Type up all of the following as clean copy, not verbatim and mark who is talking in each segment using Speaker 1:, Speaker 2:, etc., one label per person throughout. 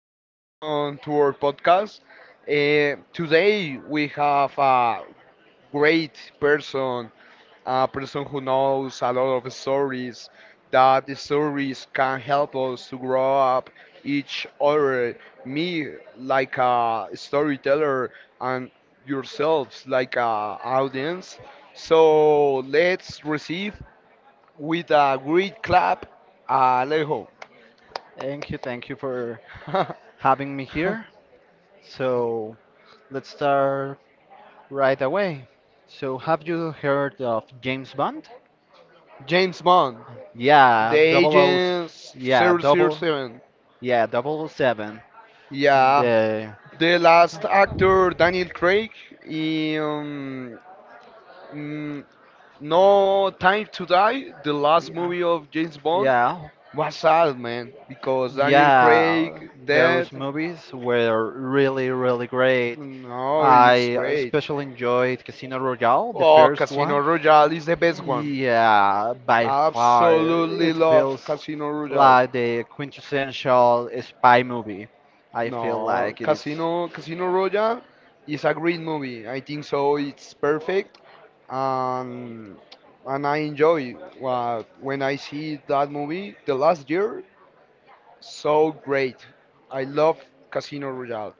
Speaker 1: Welcome to our podcast. Today we have a great person, a person who knows a lot of stories. That the stories can help us to grow up each other. Me, like a storyteller, and yourselves, like a audience. So let's receive with a great clap, Alejo,
Speaker 2: Thank you for having me here. So let's start right away. So have you heard of James Bond?
Speaker 1: James Bond.
Speaker 2: Yeah,
Speaker 1: The
Speaker 2: double O,
Speaker 1: Agent
Speaker 2: yeah,
Speaker 1: zero zero
Speaker 2: double,
Speaker 1: 007.
Speaker 2: yeah, double O seven.
Speaker 1: Yeah.
Speaker 2: The,
Speaker 1: The last actor, Daniel Craig, in mm, No Time to Die, the last
Speaker 2: yeah,
Speaker 1: movie of James Bond,
Speaker 2: yeah,
Speaker 1: was sad, man. Because Daniel
Speaker 2: yeah,
Speaker 1: Craig dead,
Speaker 2: those movies were really great.
Speaker 1: no,
Speaker 2: I
Speaker 1: it's great.
Speaker 2: especially enjoyed Casino Royale, the
Speaker 1: Oh,
Speaker 2: first
Speaker 1: Casino
Speaker 2: one.
Speaker 1: Royale is the best one.
Speaker 2: Yeah, by far,
Speaker 1: Absolutely
Speaker 2: it
Speaker 1: love
Speaker 2: feels
Speaker 1: Casino Royale.
Speaker 2: like the quintessential spy movie. I feel
Speaker 1: No,
Speaker 2: like it is.
Speaker 1: Casino Royale is a great movie. I think so. It's perfect. and and I enjoy what when I see that movie the last year. So great, I love Casino Royale.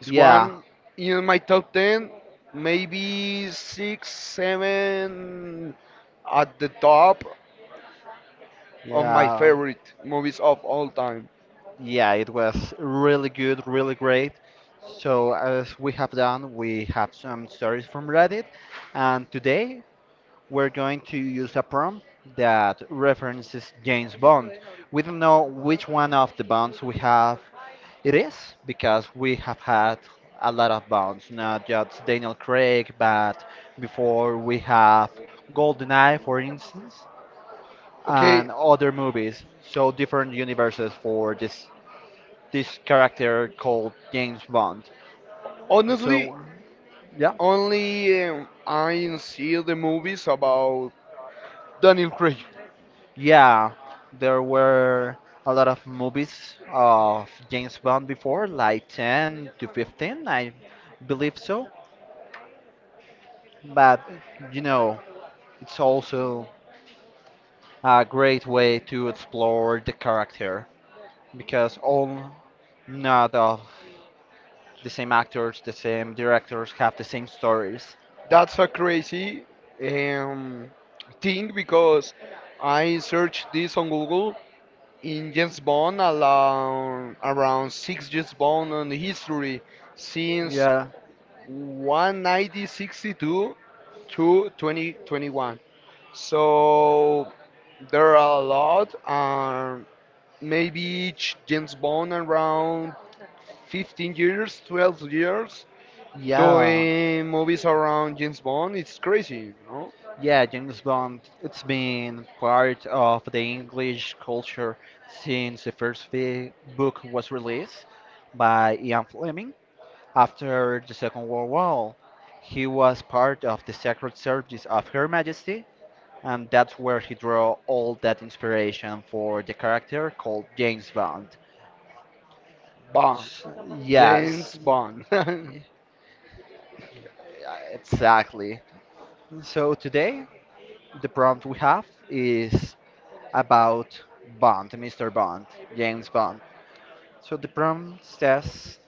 Speaker 1: It's
Speaker 2: Yeah,
Speaker 1: one in my top ten, maybe six, seven at the top of my
Speaker 2: yeah,
Speaker 1: favorite movies of all time.
Speaker 2: yeah, it was really good, really great. So, as we have done, we have some stories from Reddit, and today we're going to use a prompt that references James Bond. We don't know which one of the Bonds we have. It is because we have had a lot of bounds, not just Daniel Craig, but before we have GoldenEye, for instance,
Speaker 1: Okay,
Speaker 2: and other movies. So different universes for this character called James Bond.
Speaker 1: honestly,
Speaker 2: So yeah,
Speaker 1: only I see the movies about Daniel Craig.
Speaker 2: yeah, there were a lot of movies of James Bond before, like 10 to 15, I believe so. But you know, it's also a great way to explore the character because all not of the same actors, the same directors have the same stories.
Speaker 1: That's a crazy um, thing because I searched this on Google in James Bond around six James Bond on the history since
Speaker 2: yeah
Speaker 1: 1962 to 2021. So there are a lot, maybe each James Bond around 15 years, 12 years
Speaker 2: yeah
Speaker 1: doing movies around James Bond. It's crazy, no?
Speaker 2: yeah, James Bond, it's been part of the English culture since the first book was released by Ian Fleming. After the Second World War, he was part of the Secret Service of Her Majesty, and that's where he drew all that inspiration for the character called James Bond.
Speaker 1: Bond,
Speaker 2: Yes,
Speaker 1: James
Speaker 2: yeah,
Speaker 1: Bond.
Speaker 2: exactly. So today, the prompt we have is about Bond, Mr. Bond, James Bond. So the prompt says,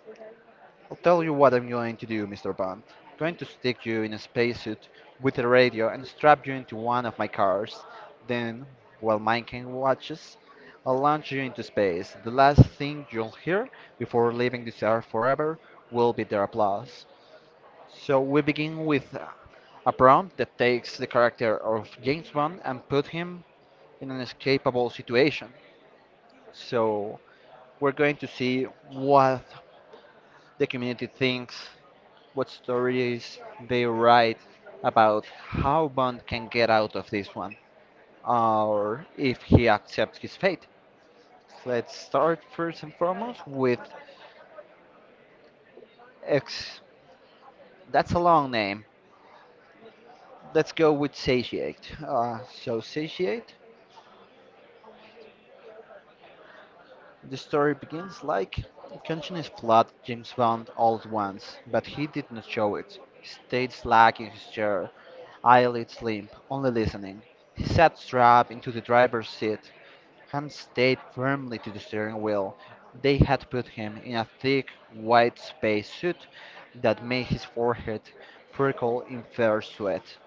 Speaker 2: I'll tell you what I'm going to do, Mr. Bond. Going to stick you in a spacesuit with a radio and strap you into one of my cars. Then, while mine can watches, I'll launch you into space. The last thing you'll hear before leaving this earth forever will be their applause. So we begin with a prompt that takes the character of James Bond and put him in an escapable situation. So we're going to see what the community thinks, what stories they write about how Bond can get out of this one, or if he accepts his fate. Let's start first and foremost with X. That's a long name. Let's go with Satiate. So, Satiate, the story begins like, conscience flood James Bond all at once, but he did not show it. He stayed slack in his chair, eyelids limp, only listening. He sat strapped into the driver's seat, Hans stayed firmly to the steering wheel. They had put him in a thick, white space suit that made his forehead prickle in fair sweat.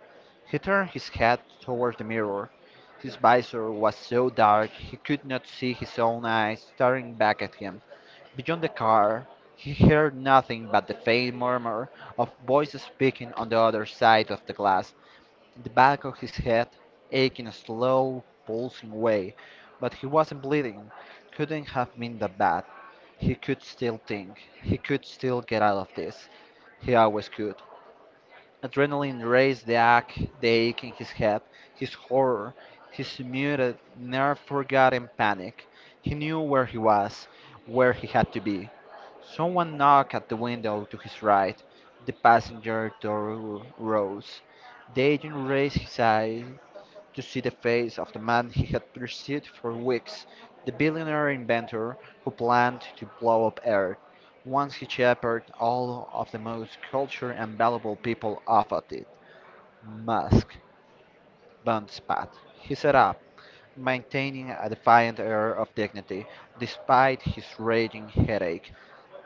Speaker 2: He turned his head toward the mirror. His visor was so dark he could not see his own eyes staring back at him. Beyond the car, he heard nothing but the faint murmur of voices speaking on the other side of the glass. The back of his head ached in a slow, pulsing way, but he wasn't bleeding. Couldn't have been that bad. He could still think. He could still get out of this. He always could. Adrenaline raised the ache in his head, his horror, his muted, never forgotten panic. He knew where he was, where he had to be. Someone knocked at the window to his right. The passenger door rose. The agent raised his eyes to see the face of the man he had pursued for weeks, the billionaire inventor who planned to blow up Earth, once he shepherded all of the most cultured and valuable people off of it. Musk, Bond spat. He sat up, maintaining a defiant air of dignity despite his raging headache.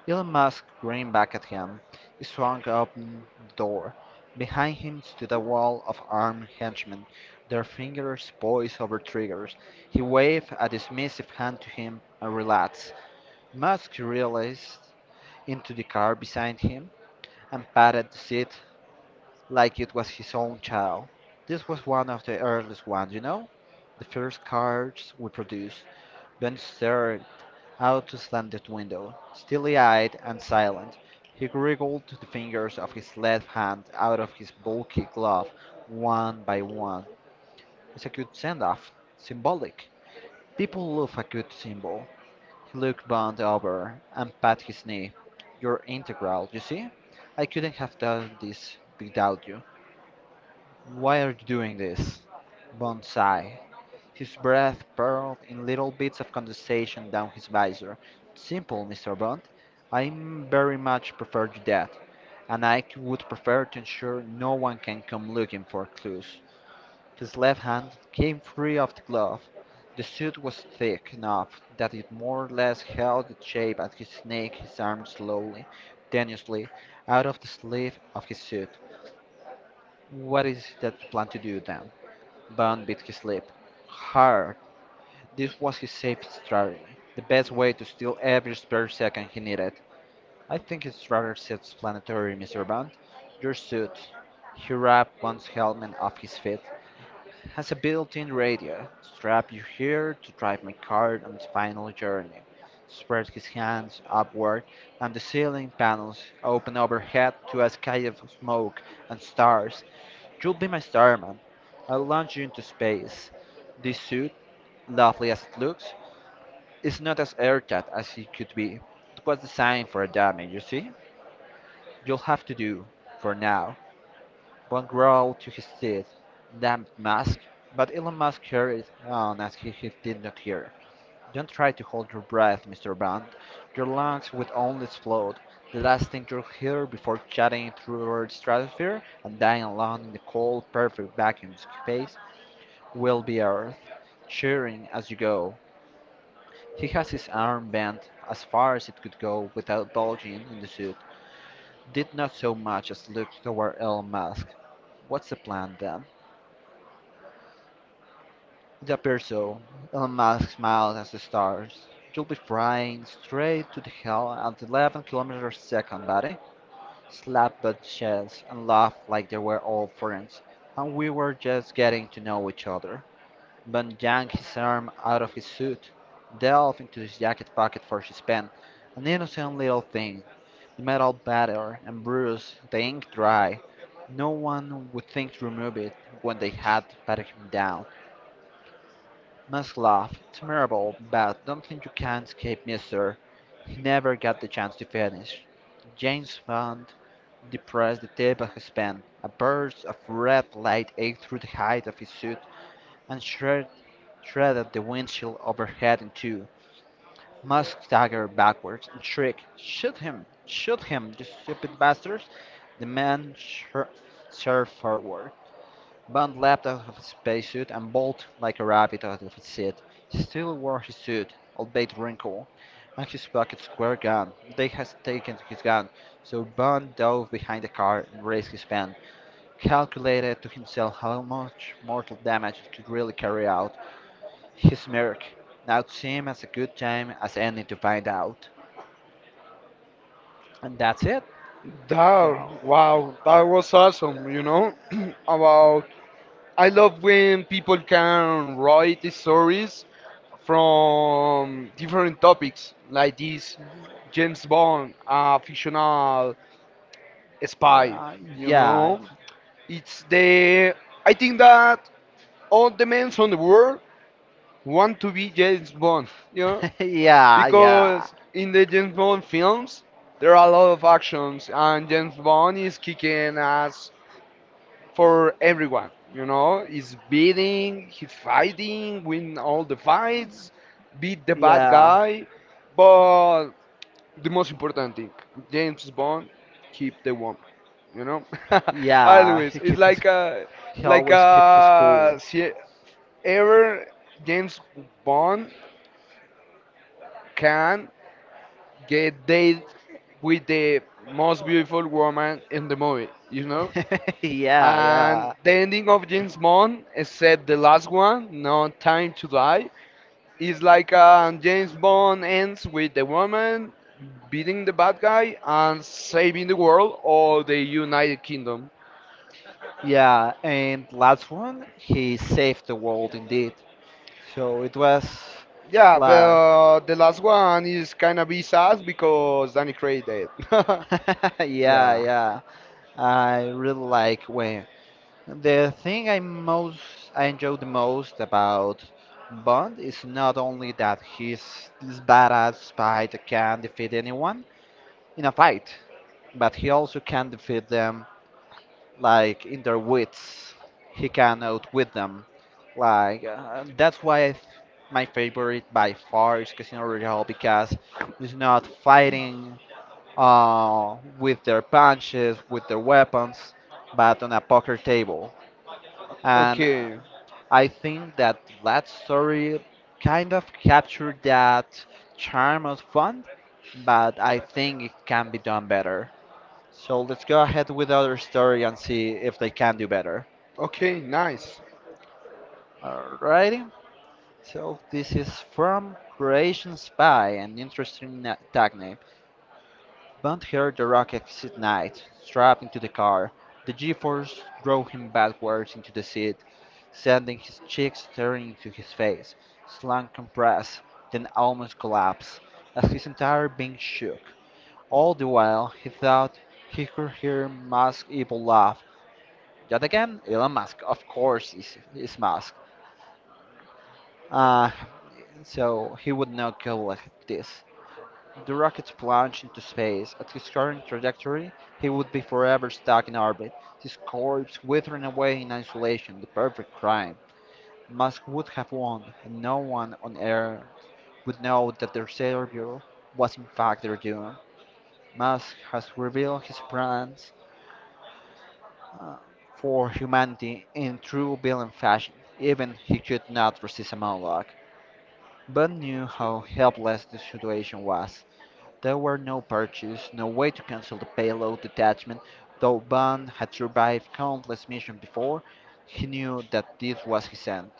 Speaker 2: Elon Musk grinned back at him. He swung open the door. Behind him stood a wall of armed henchmen, their fingers poised over triggers. He waved a dismissive hand to him and relaxed. Musk realized into the car beside him and patted the seat like it was his own child. This was one of the earliest ones, you know? The first cards we produced. Ben stared out the slanted window, steely eyed and silent. He wriggled the fingers of his left hand out of his bulky glove one by one. It's a good send off, symbolic. People love a good symbol. He looked Bond over and pat his knee. You're integral, you see? I couldn't have done this without you. Why are you doing this? Bond sighed, his breath purled in little bits of condensation down his visor. Simple, Mr. Bond. I very much prefer to that, and I would prefer to ensure no one can come looking for clues. His left hand came free of the glove. The suit was thick enough that it more or less held the shape as he snaked his arm slowly, tenuously, out of the sleeve of his suit. What is it that you plan to do then? Bond beat his lip. Hard. This was his safe strategy. The best way to steal every spare second he needed. I think it's rather self-explanatory, Mr. Bond. Your suit. He wrapped Bond's helmet off his feet. Has a built-in radio. Strap you here to drive my car on its final journey. Spread his hands upward, and the ceiling panels open overhead to a sky of smoke and stars. You'll be my star, man. I'll launch you into space. This suit, lovely as it looks, is not as airtight as it could be. It was designed for a dummy, you see? You'll have to do, for now. One growled to his teeth. Damned mask. But Elon Musk carried on as if he did not hear. Don't try to hold your breath, Mr. Bond. Your lungs would only explode. The last thing you'll hear before chatting through the stratosphere and dying alone in the cold, perfect vacuum of space will be Earth, cheering as you go. He has his arm bent as far as it could go without bulging in the suit, did not so much as look toward Elon Musk. What's the plan then? It appears so. Elon Musk smiled at the stars. You'll be flying straight to the hell at 11 kilometers a second, buddy. Slapped butt chests and laughed like they were old friends, and we were just getting to know each other. Bond yanked his arm out of his suit, delved into his jacket pocket for his pen, an innocent little thing. The metal battered and bruised, the ink dry. No one would think to remove it when they had patted him down. Must laugh, it's memorable, but don't think you can escape me, sir. He never got the chance to finish. James Bond depressed the tip of his pen. A burst of red light ate through the hide of his suit and shredded the windshield overhead in two. Musk staggered backwards and shrieked, Shoot him! Shoot him, you stupid bastards! The man surged forward. Bond leapt out of his spacesuit and bolted like a rabbit out of his seat. He still wore his suit, albeit wrinkled, and his pockets were gone. They had taken his gun, so Bond dove behind the car and raised his pen, calculated to himself how much mortal damage it could really carry out, he smirked. Now it seemed as a good time as any to find out. And that's it.
Speaker 1: That,
Speaker 2: Yeah.
Speaker 1: wow, that was awesome, you know? About, I love when people can write the stories from different topics, like this James Bond, a fictional spy,
Speaker 2: Yeah,
Speaker 1: you
Speaker 2: yeah,
Speaker 1: know? It's the, I think that all the men on the world want to be James Bond, you know?
Speaker 2: yeah, yeah,
Speaker 1: Because in the James Bond films, there are a lot of actions, and James Bond is kicking ass for everyone, you know? He's beating, he's fighting, win all the fights, beat the bad
Speaker 2: yeah,
Speaker 1: guy, but the most important thing, James Bond, keep the woman, you know?
Speaker 2: yeah.
Speaker 1: Always,
Speaker 2: He
Speaker 1: it's
Speaker 2: keeps, his- he
Speaker 1: like
Speaker 2: always keeps
Speaker 1: a,
Speaker 2: cool.
Speaker 1: see, ever James Bond can get date with the most beautiful woman in the movie, you know?
Speaker 2: yeah,
Speaker 1: And
Speaker 2: yeah,
Speaker 1: the ending of James Bond, except the last one, No Time to Die, is like James Bond ends with the woman beating the bad guy and saving the world or the United Kingdom.
Speaker 2: yeah. And last one, he saved the world indeed. So it was
Speaker 1: Yeah, but
Speaker 2: like,
Speaker 1: the last one is kind of be sad because Danny Craig dead.
Speaker 2: yeah,
Speaker 1: yeah.
Speaker 2: yeah. I really like when the thing I most I enjoy the most about Bond is not only that he's this badass spy that can defeat anyone in a fight, but he also can defeat them like in their wits. He can outwit them. Like that's why my favorite by far is Casino Royale because it's not fighting with their punches, with their weapons, but on a poker table. And
Speaker 1: Okay,
Speaker 2: I think that that story kind of captured that charm of fun, but I think it can be done better. So let's go ahead with other story and see if they can do better.
Speaker 1: okay, nice,
Speaker 2: Alrighty. So this is from Croatian Spy, an interesting tag name. Bond heard the rocket exit night, strapped into the car. The G-force drove him backwards into the seat, sending his cheeks tearing into his face. His lung compressed, then almost collapsed, as his entire being shook. All the while, he thought he could hear Musk's evil laugh. Yet again, Elon Musk, of course, is Musk. Uh, so he would not go like this. The rocket's plunge into space. At his current trajectory, he would be forever stuck in orbit, his corpse withering away in isolation, the perfect crime. Musk would have won, and no one on Earth would know that their savior was in fact their doom. Musk has revealed his plans uh, for humanity in true villain fashion. Even he could not resist a monologue, but knew how helpless the situation was. There were no purchase, no way to cancel the payload detachment, though Bond had survived countless missions before, he knew that this was his end,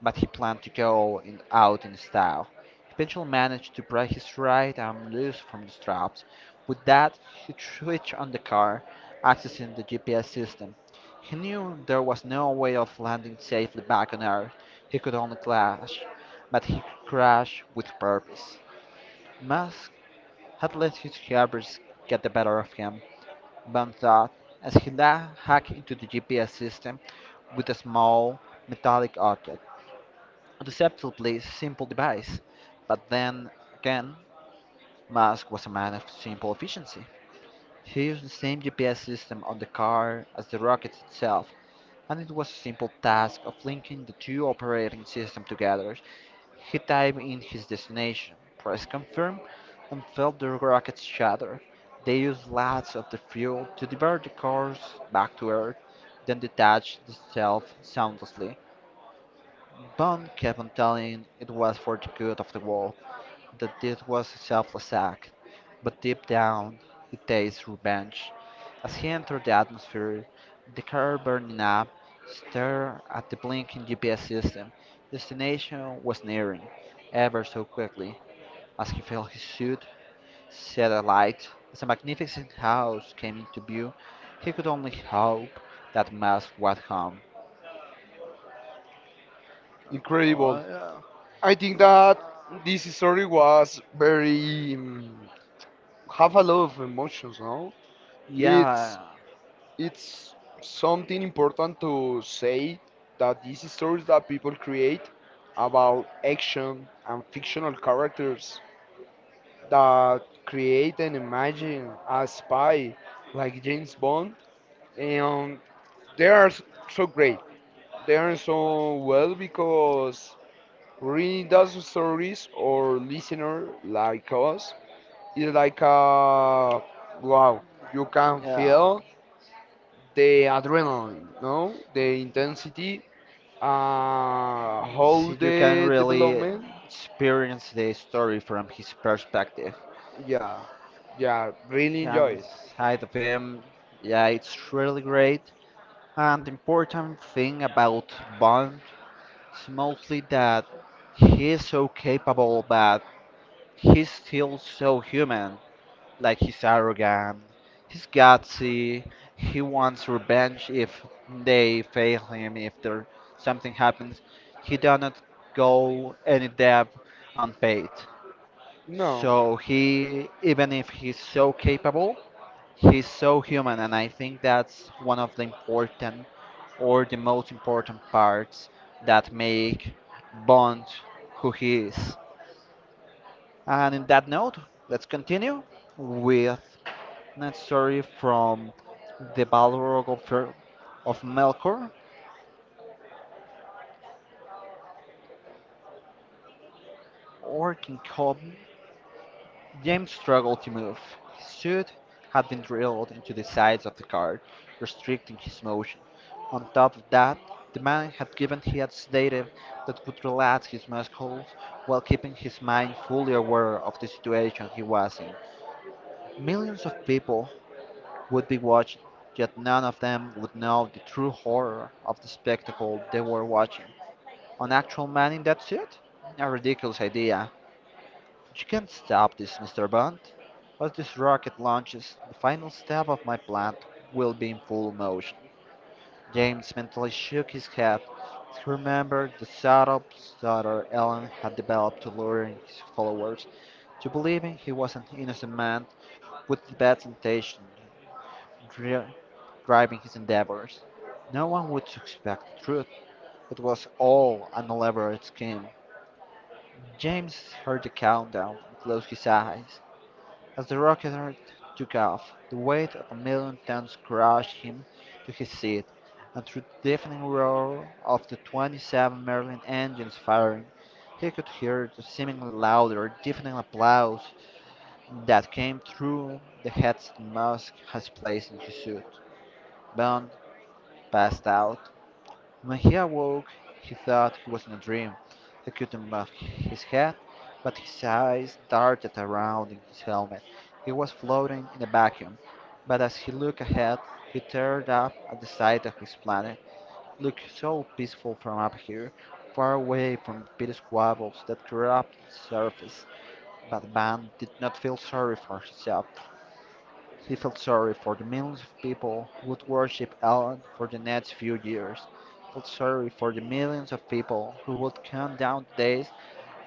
Speaker 2: but he planned to go in, out in style. He eventually managed to break his right arm loose from the straps. With that, he switched on the car, accessing the GPS system. He knew there was no way of landing safely back on Earth. He could only crash, but he crashed with purpose. Musk had let his hubris get the better of him, Bond thought, as he hacked into the GPS system with a small metallic object, deceptively simple device. But then again, Musk was a man of simple efficiency. He used the same GPS system on the car as the rocket itself, and it was a simple task of linking the two operating systems together. He typed in his destination, pressed confirm, and felt the rockets shatter. They used lots of the fuel to divert the cars back to Earth, then detached itself soundlessly. Bond kept on telling it was for the good of the world, that this was a selfless act, but deep down he tastes revenge. As he entered the atmosphere, the car burning up, stared at the blinking GPS system. Destination was nearing, ever so quickly. As he felt his suit set alight, as a magnificent house came into view, he could only hope that Mass was home.
Speaker 1: incredible.
Speaker 2: Oh,
Speaker 1: I think that this story was very have a lot of emotions. No,
Speaker 2: yeah.
Speaker 1: it's
Speaker 2: Yeah.
Speaker 1: it's something important to say that these stories that people create about action and fictional characters that create and imagine a spy like James Bond, and they are so great. They are so well because reading those stories or listener like us is like a wow. You can
Speaker 2: Yeah.
Speaker 1: feel the adrenaline, no, the intensity, uh,
Speaker 2: So
Speaker 1: how
Speaker 2: you can
Speaker 1: the
Speaker 2: really
Speaker 1: development.
Speaker 2: experience the story from his perspective.
Speaker 1: Yeah, yeah, really
Speaker 2: And
Speaker 1: enjoy it.
Speaker 2: side of him, yeah, it's really great. And the important thing about Bond is mostly that he's so capable, but he's still so human. Like, he's arrogant, he's gutsy, he wants revenge if they fail him, if there something happens. He does not go any debt unpaid.
Speaker 1: No.
Speaker 2: So he, even if he's so capable, he's so human, and I think that's one of the important or the most important parts that make Bond who he is. And in that note, let's continue with Night Story from the Balrog of, of Melkor or King Cobb. James struggled to move. His suit had been drilled into the sides of the card, restricting his motion. On top of that, the man had given him a sedative that would relax his muscles while keeping his mind fully aware of the situation he was in. Millions of people would be watching, yet none of them would know the true horror of the spectacle they were watching. On actual man in that suit? A ridiculous idea. You can't stop this, Mr. Bond. Once this rocket launches, the final step of my plan will be in full motion. James mentally shook his head. He remembered the subtle stutter Ellen had developed to lure his followers to believing he was an innocent man with the bad intention dri- driving his endeavors. No one would suspect the truth. It was all an elaborate scheme. James heard the countdown and closed his eyes. As the rocket took off, the weight of a million tons crushed him to his seat, and through the deafening roar of the 27 Merlin engines firing, he could hear the seemingly louder, deafening applause that came through the headset Musk had placed in his suit. Bond passed out. When he awoke, he thought he was in a dream. He couldn't move his head, but his eyes darted around in his helmet. He was floating in a vacuum, but as he looked ahead, he stared up at the sight of his planet. It looked so peaceful from up here, far away from the petty squabbles that corrupt the surface. But Van did not feel sorry for himself. He felt sorry for the millions of people who would worship Alan for the next few years. He felt sorry for the millions of people who would count down the days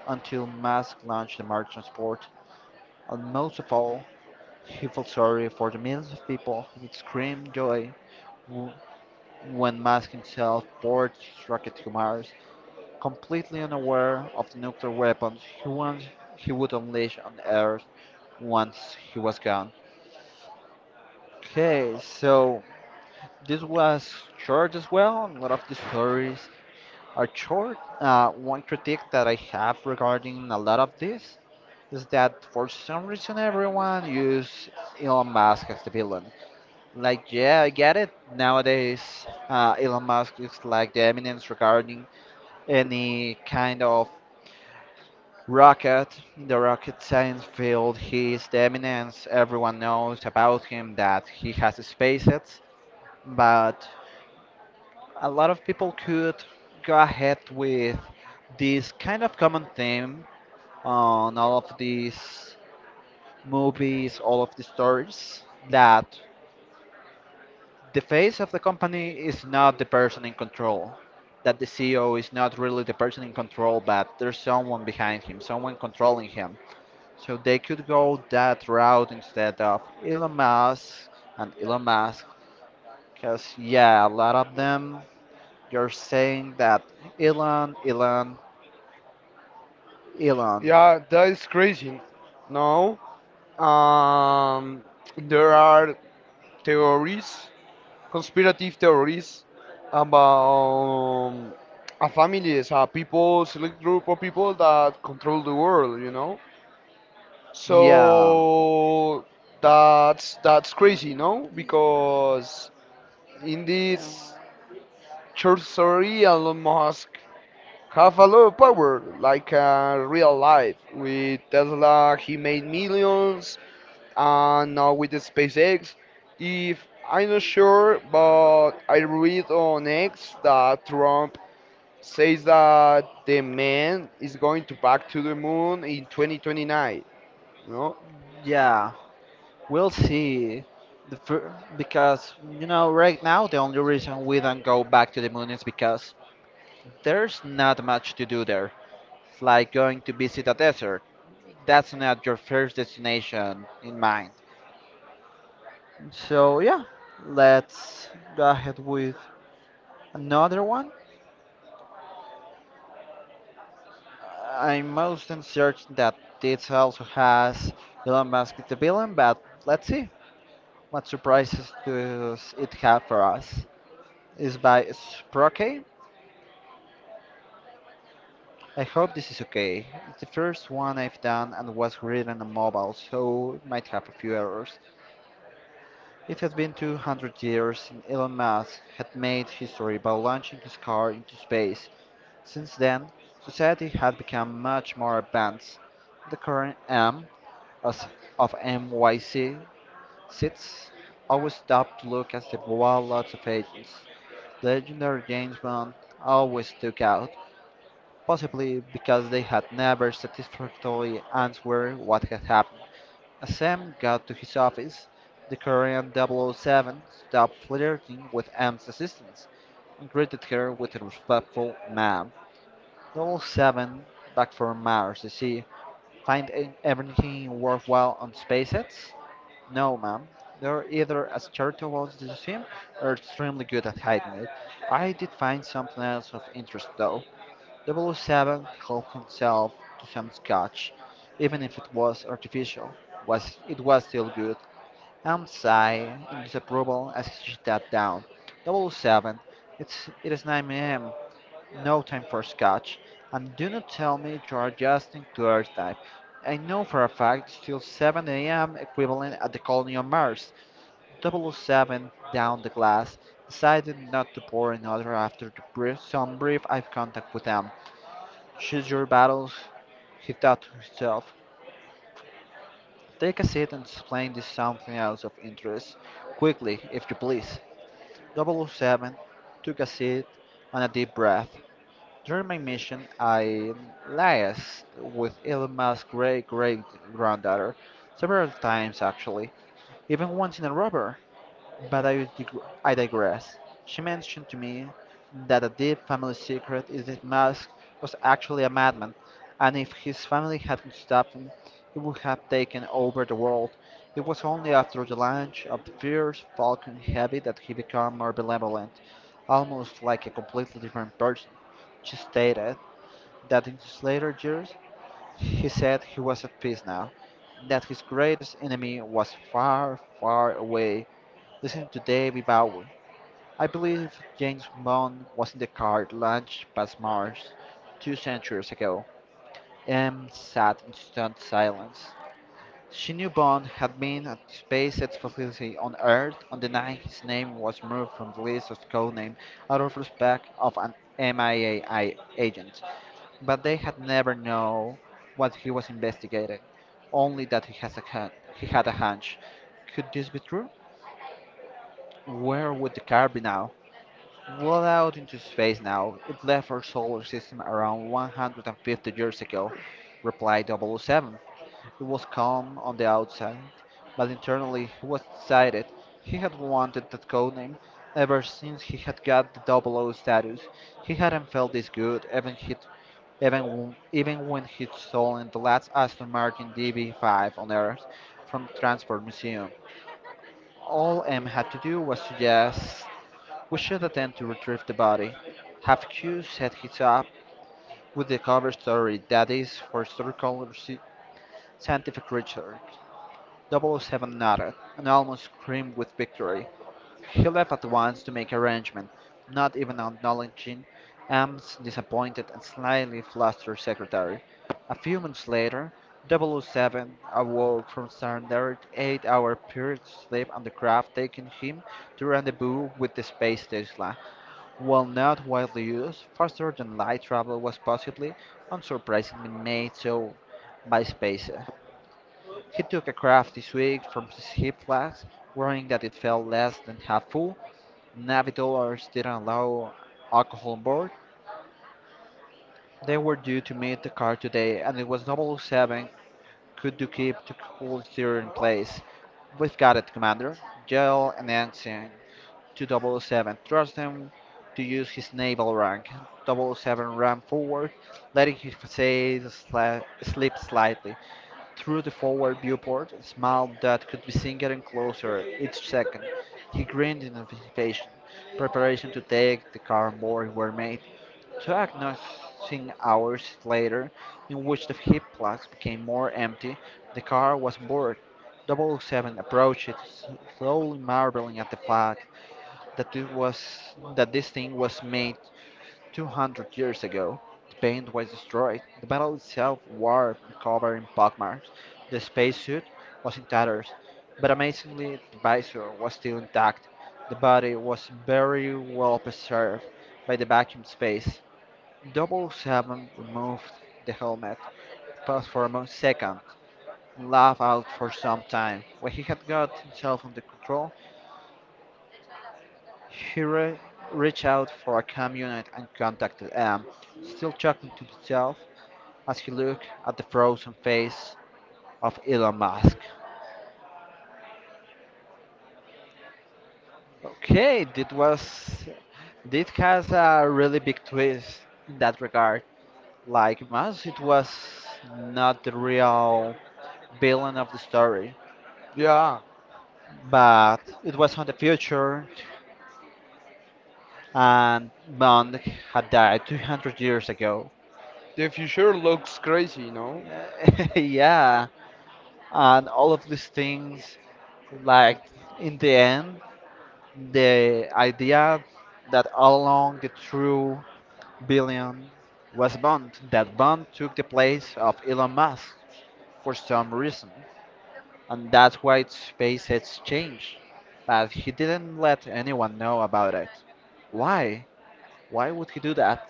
Speaker 2: until Musk launched the Mars transport, and most of all, he felt sorry for the millions of people who would scream joy when Musk himself poured his rocket to Mars, completely unaware of the nuclear weapons he, he would unleash on Earth once he was gone. Okay, so this was short as well. A lot of the stories are short. One critique that I have regarding a lot of this is that for some reason everyone use Elon Musk as the villain. Like, yeah, I get it. Nowadays, Elon Musk is like the eminence regarding any kind of rocket in the rocket science field. He is the eminence. Everyone knows about him that he has SpaceX, but a lot of people could go ahead with this kind of common theme on all of these movies, all of the stories that the face of the company is not the person in control, that the CEO is not really the person in control, but there's someone behind him, someone controlling him. So they could go that route instead of Elon Musk and Elon Musk, because yeah, a lot of them you're saying that Elon, Elon, Elon.
Speaker 1: Yeah, that is crazy. No, um, there are theories, conspirative theories about a family, is a people, select group of people that control the world, you know.
Speaker 2: So yeah.
Speaker 1: So that's crazy, no? Because in
Speaker 2: Yeah.
Speaker 1: this church story, Elon Musk have a lot of power, like real life. With Tesla, he made millions. And now with the SpaceX. If I'm not sure, but I read on X that Trump says that the man is going to back to the moon in 2029. No,
Speaker 2: Yeah, we'll see. Because you know, right now the only reason we don't go back to the moon is because there's not much to do there. It's like going to visit a desert. That's not your first destination in mind. So yeah, let's go ahead with another one. I'm most uncertain that this also has Elon Musk the villain, but let's see what surprises does it have for us. Is by Sprocket. I hope this is okay. It's the first one I've done and was written on mobile, so it might have a few errors. It has been 200 years since Elon Musk had made history by launching his car into space. Since then, society had become much more advanced. The current M as of MYC sits, always stopped to look at the wild lots of agents. Legendary James Bond always stuck out, possibly because they had never satisfactorily answered what had happened. As Sam got to his office, the Korean double oh 007 stopped flirting with M's assistants and greeted her with a respectful ma'am. Double oh 007, back from Mars, you see, find everything worthwhile on SpaceX? No, ma'am. They're either as charitable as they seem or extremely good at hiding it. I did find something else of interest, though. 007 helped himself to some scotch. Even if it was artificial, was it was still good. Am sighed in disapproval as he sat down. 007, it is 9 a.m., no time for scotch. And do not tell me you are just in Coors type. I know for a fact it's still 7 a.m. equivalent at the colony on Mars. Double oh 007 down the glass, decided not to pour another after some brief eye contact with them. Choose your battles, he thought to himself. Take a seat and explain this something else of interest. Quickly, if you please. Double oh 007 took a seat and a deep breath. During my mission, I liaised with Elon Musk's great great granddaughter several times actually, even once in a rubber. But I, dig- I digress. She mentioned to me that a deep family secret is that Musk was actually a madman, and if his family hadn't stopped him, he would have taken over the world. It was only after the launch of the fierce Falcon Heavy that he became more benevolent, almost like a completely different person. She stated that in his later years, he said he was at peace now, that his greatest enemy was far, far away. Listen to David Bowie. I believe James Bond was in the car launched past Mars two centuries ago. M sat in stunned silence. She knew Bond had been at SpaceX facility on Earth on the night his name was moved from the list of codename out of respect of an MIA agent, but they had never known what he was investigating, only that he had a hunch. Could this be true? Where would the car be now? Well out into space now. It left our solar system around 150 years ago, replied double oh 007. It was calm on the outside, but internally he was excited. He had wanted that codename ever since he had got the double O status. He hadn't felt this good even when he'd stolen the last Aston Martin DB5 on Earth from the Transport Museum. All M had to do was suggest. We should attempt to retrieve the body. Have Q set his up with the cover story that is for scientific research. Double O Seven nodded, and almost screamed with victory. He left at once to make arrangements, not even acknowledging Am's disappointed and slightly flustered secretary. A few minutes later, Double O Seven awoke from standard eight-hour period sleep on the craft, taking him to rendezvous with the space station. While not widely used, faster than light travel was possibly, unsurprisingly, made so by SpaceX. He took a craft this week from his hip flags, worrying that it fell less than half full. Navigators didn't allow alcohol on board. They were due to meet the car today, and it was double oh 007 could do keep the cool steer in place. We've got it, Commander. Yell and Ensign 007, trust him to use his naval rank. Double-oh 007 ran forward, letting his face slip slightly. Through the forward viewport, a smile that could be seen getting closer each second. He grinned in anticipation. Preparation to take the car board were made. Two agonizing hours later, in which the hip plugs became more empty, the car was bored. Double-oh 007 approached it, slowly marveling at the fact that it was that this thing was made 200 years ago. The paint was destroyed. The metal itself warped and covered in pockmarks. The spacesuit was in tatters, but amazingly, the visor was still intact. The body was very well preserved by the vacuum space. Double Seven removed the helmet, paused for a second, and laughed out for some time. When he had got himself under control, he reached out for a cam unit and contacted Em, still chuckling to himself as he looked at the frozen face of Elon Musk. Okay, this was. This has a really big twist in that regard. Like Musk, it was not the real villain of the story,
Speaker 1: yeah,
Speaker 2: but it was on the future, and Bond had died 200 years ago.
Speaker 1: the future looks crazy. No,
Speaker 2: Yeah, and all of these things like
Speaker 1: it,
Speaker 2: in the end the idea that all along the true billion was Bond. That Bond took the place of Elon Musk for some reason, and that's why SpaceX changed. But he didn't let anyone know about it. Why? Why would he do that?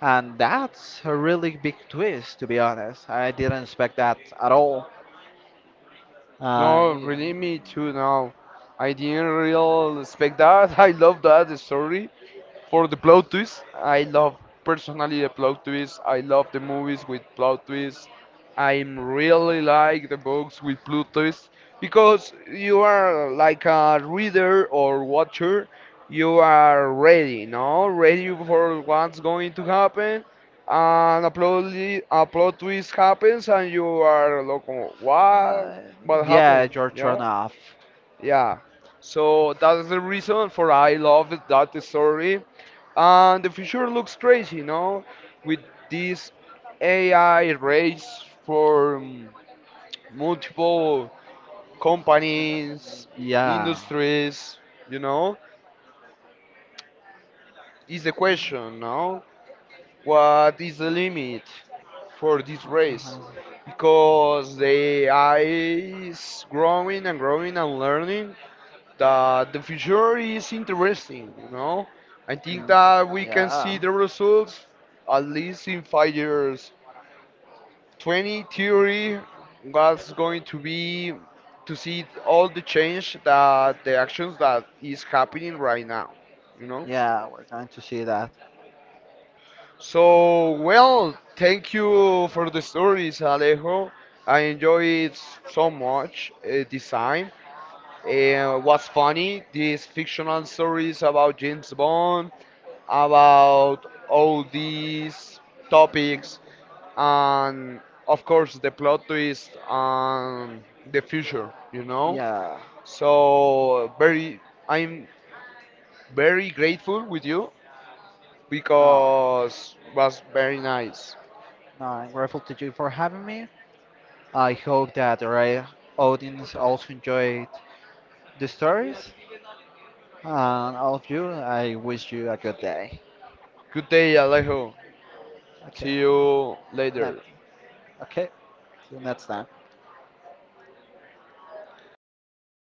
Speaker 2: And that's a really big twist, to be honest. I didn't expect that at all.
Speaker 1: no,
Speaker 2: Yeah.
Speaker 1: really, me too. Now, I didn't really expect that. I love that story. For the plot twist, I love personally the plot twist. I love the movies with plot twists. I really like the books with plot twists because you are like a reader or watcher. You are ready, no? Ready for what's going to happen, and a a plot twist happens, and you are like, what?
Speaker 2: Uh,
Speaker 1: What
Speaker 2: yeah,
Speaker 1: happened?
Speaker 2: you're thrown
Speaker 1: Yeah,
Speaker 2: off.
Speaker 1: yeah. So that's the reason for I love that story. And the future looks crazy, you know, with this AI race for multiple companies,
Speaker 2: Yeah.
Speaker 1: industries, you know, is the question, no? What is the limit for this race? Because the AI is growing and growing and learning that the future is interesting, you know? I think
Speaker 2: Mm,
Speaker 1: that we can see
Speaker 2: yeah.
Speaker 1: the results at least in 5 years 20 theory was going to be to see all the change that the actions that is happening right now, you know.
Speaker 2: Yeah, we're going to see that.
Speaker 1: So well, thank you for the stories, Alejo. I enjoy it so much. This time was funny, these fictional stories about James Bond, about all these topics, and of course the plot twist and the future, you know.
Speaker 2: Yeah.
Speaker 1: So very, I'm very grateful with you
Speaker 2: No.
Speaker 1: because was very nice.
Speaker 2: No, I'm grateful to you for having me. I hope that our audience also enjoyed the stories. And all of you, I wish you a good day.
Speaker 1: Good day, Alejo.
Speaker 2: Okay.
Speaker 1: See you later.
Speaker 2: Not, okay. See you next time.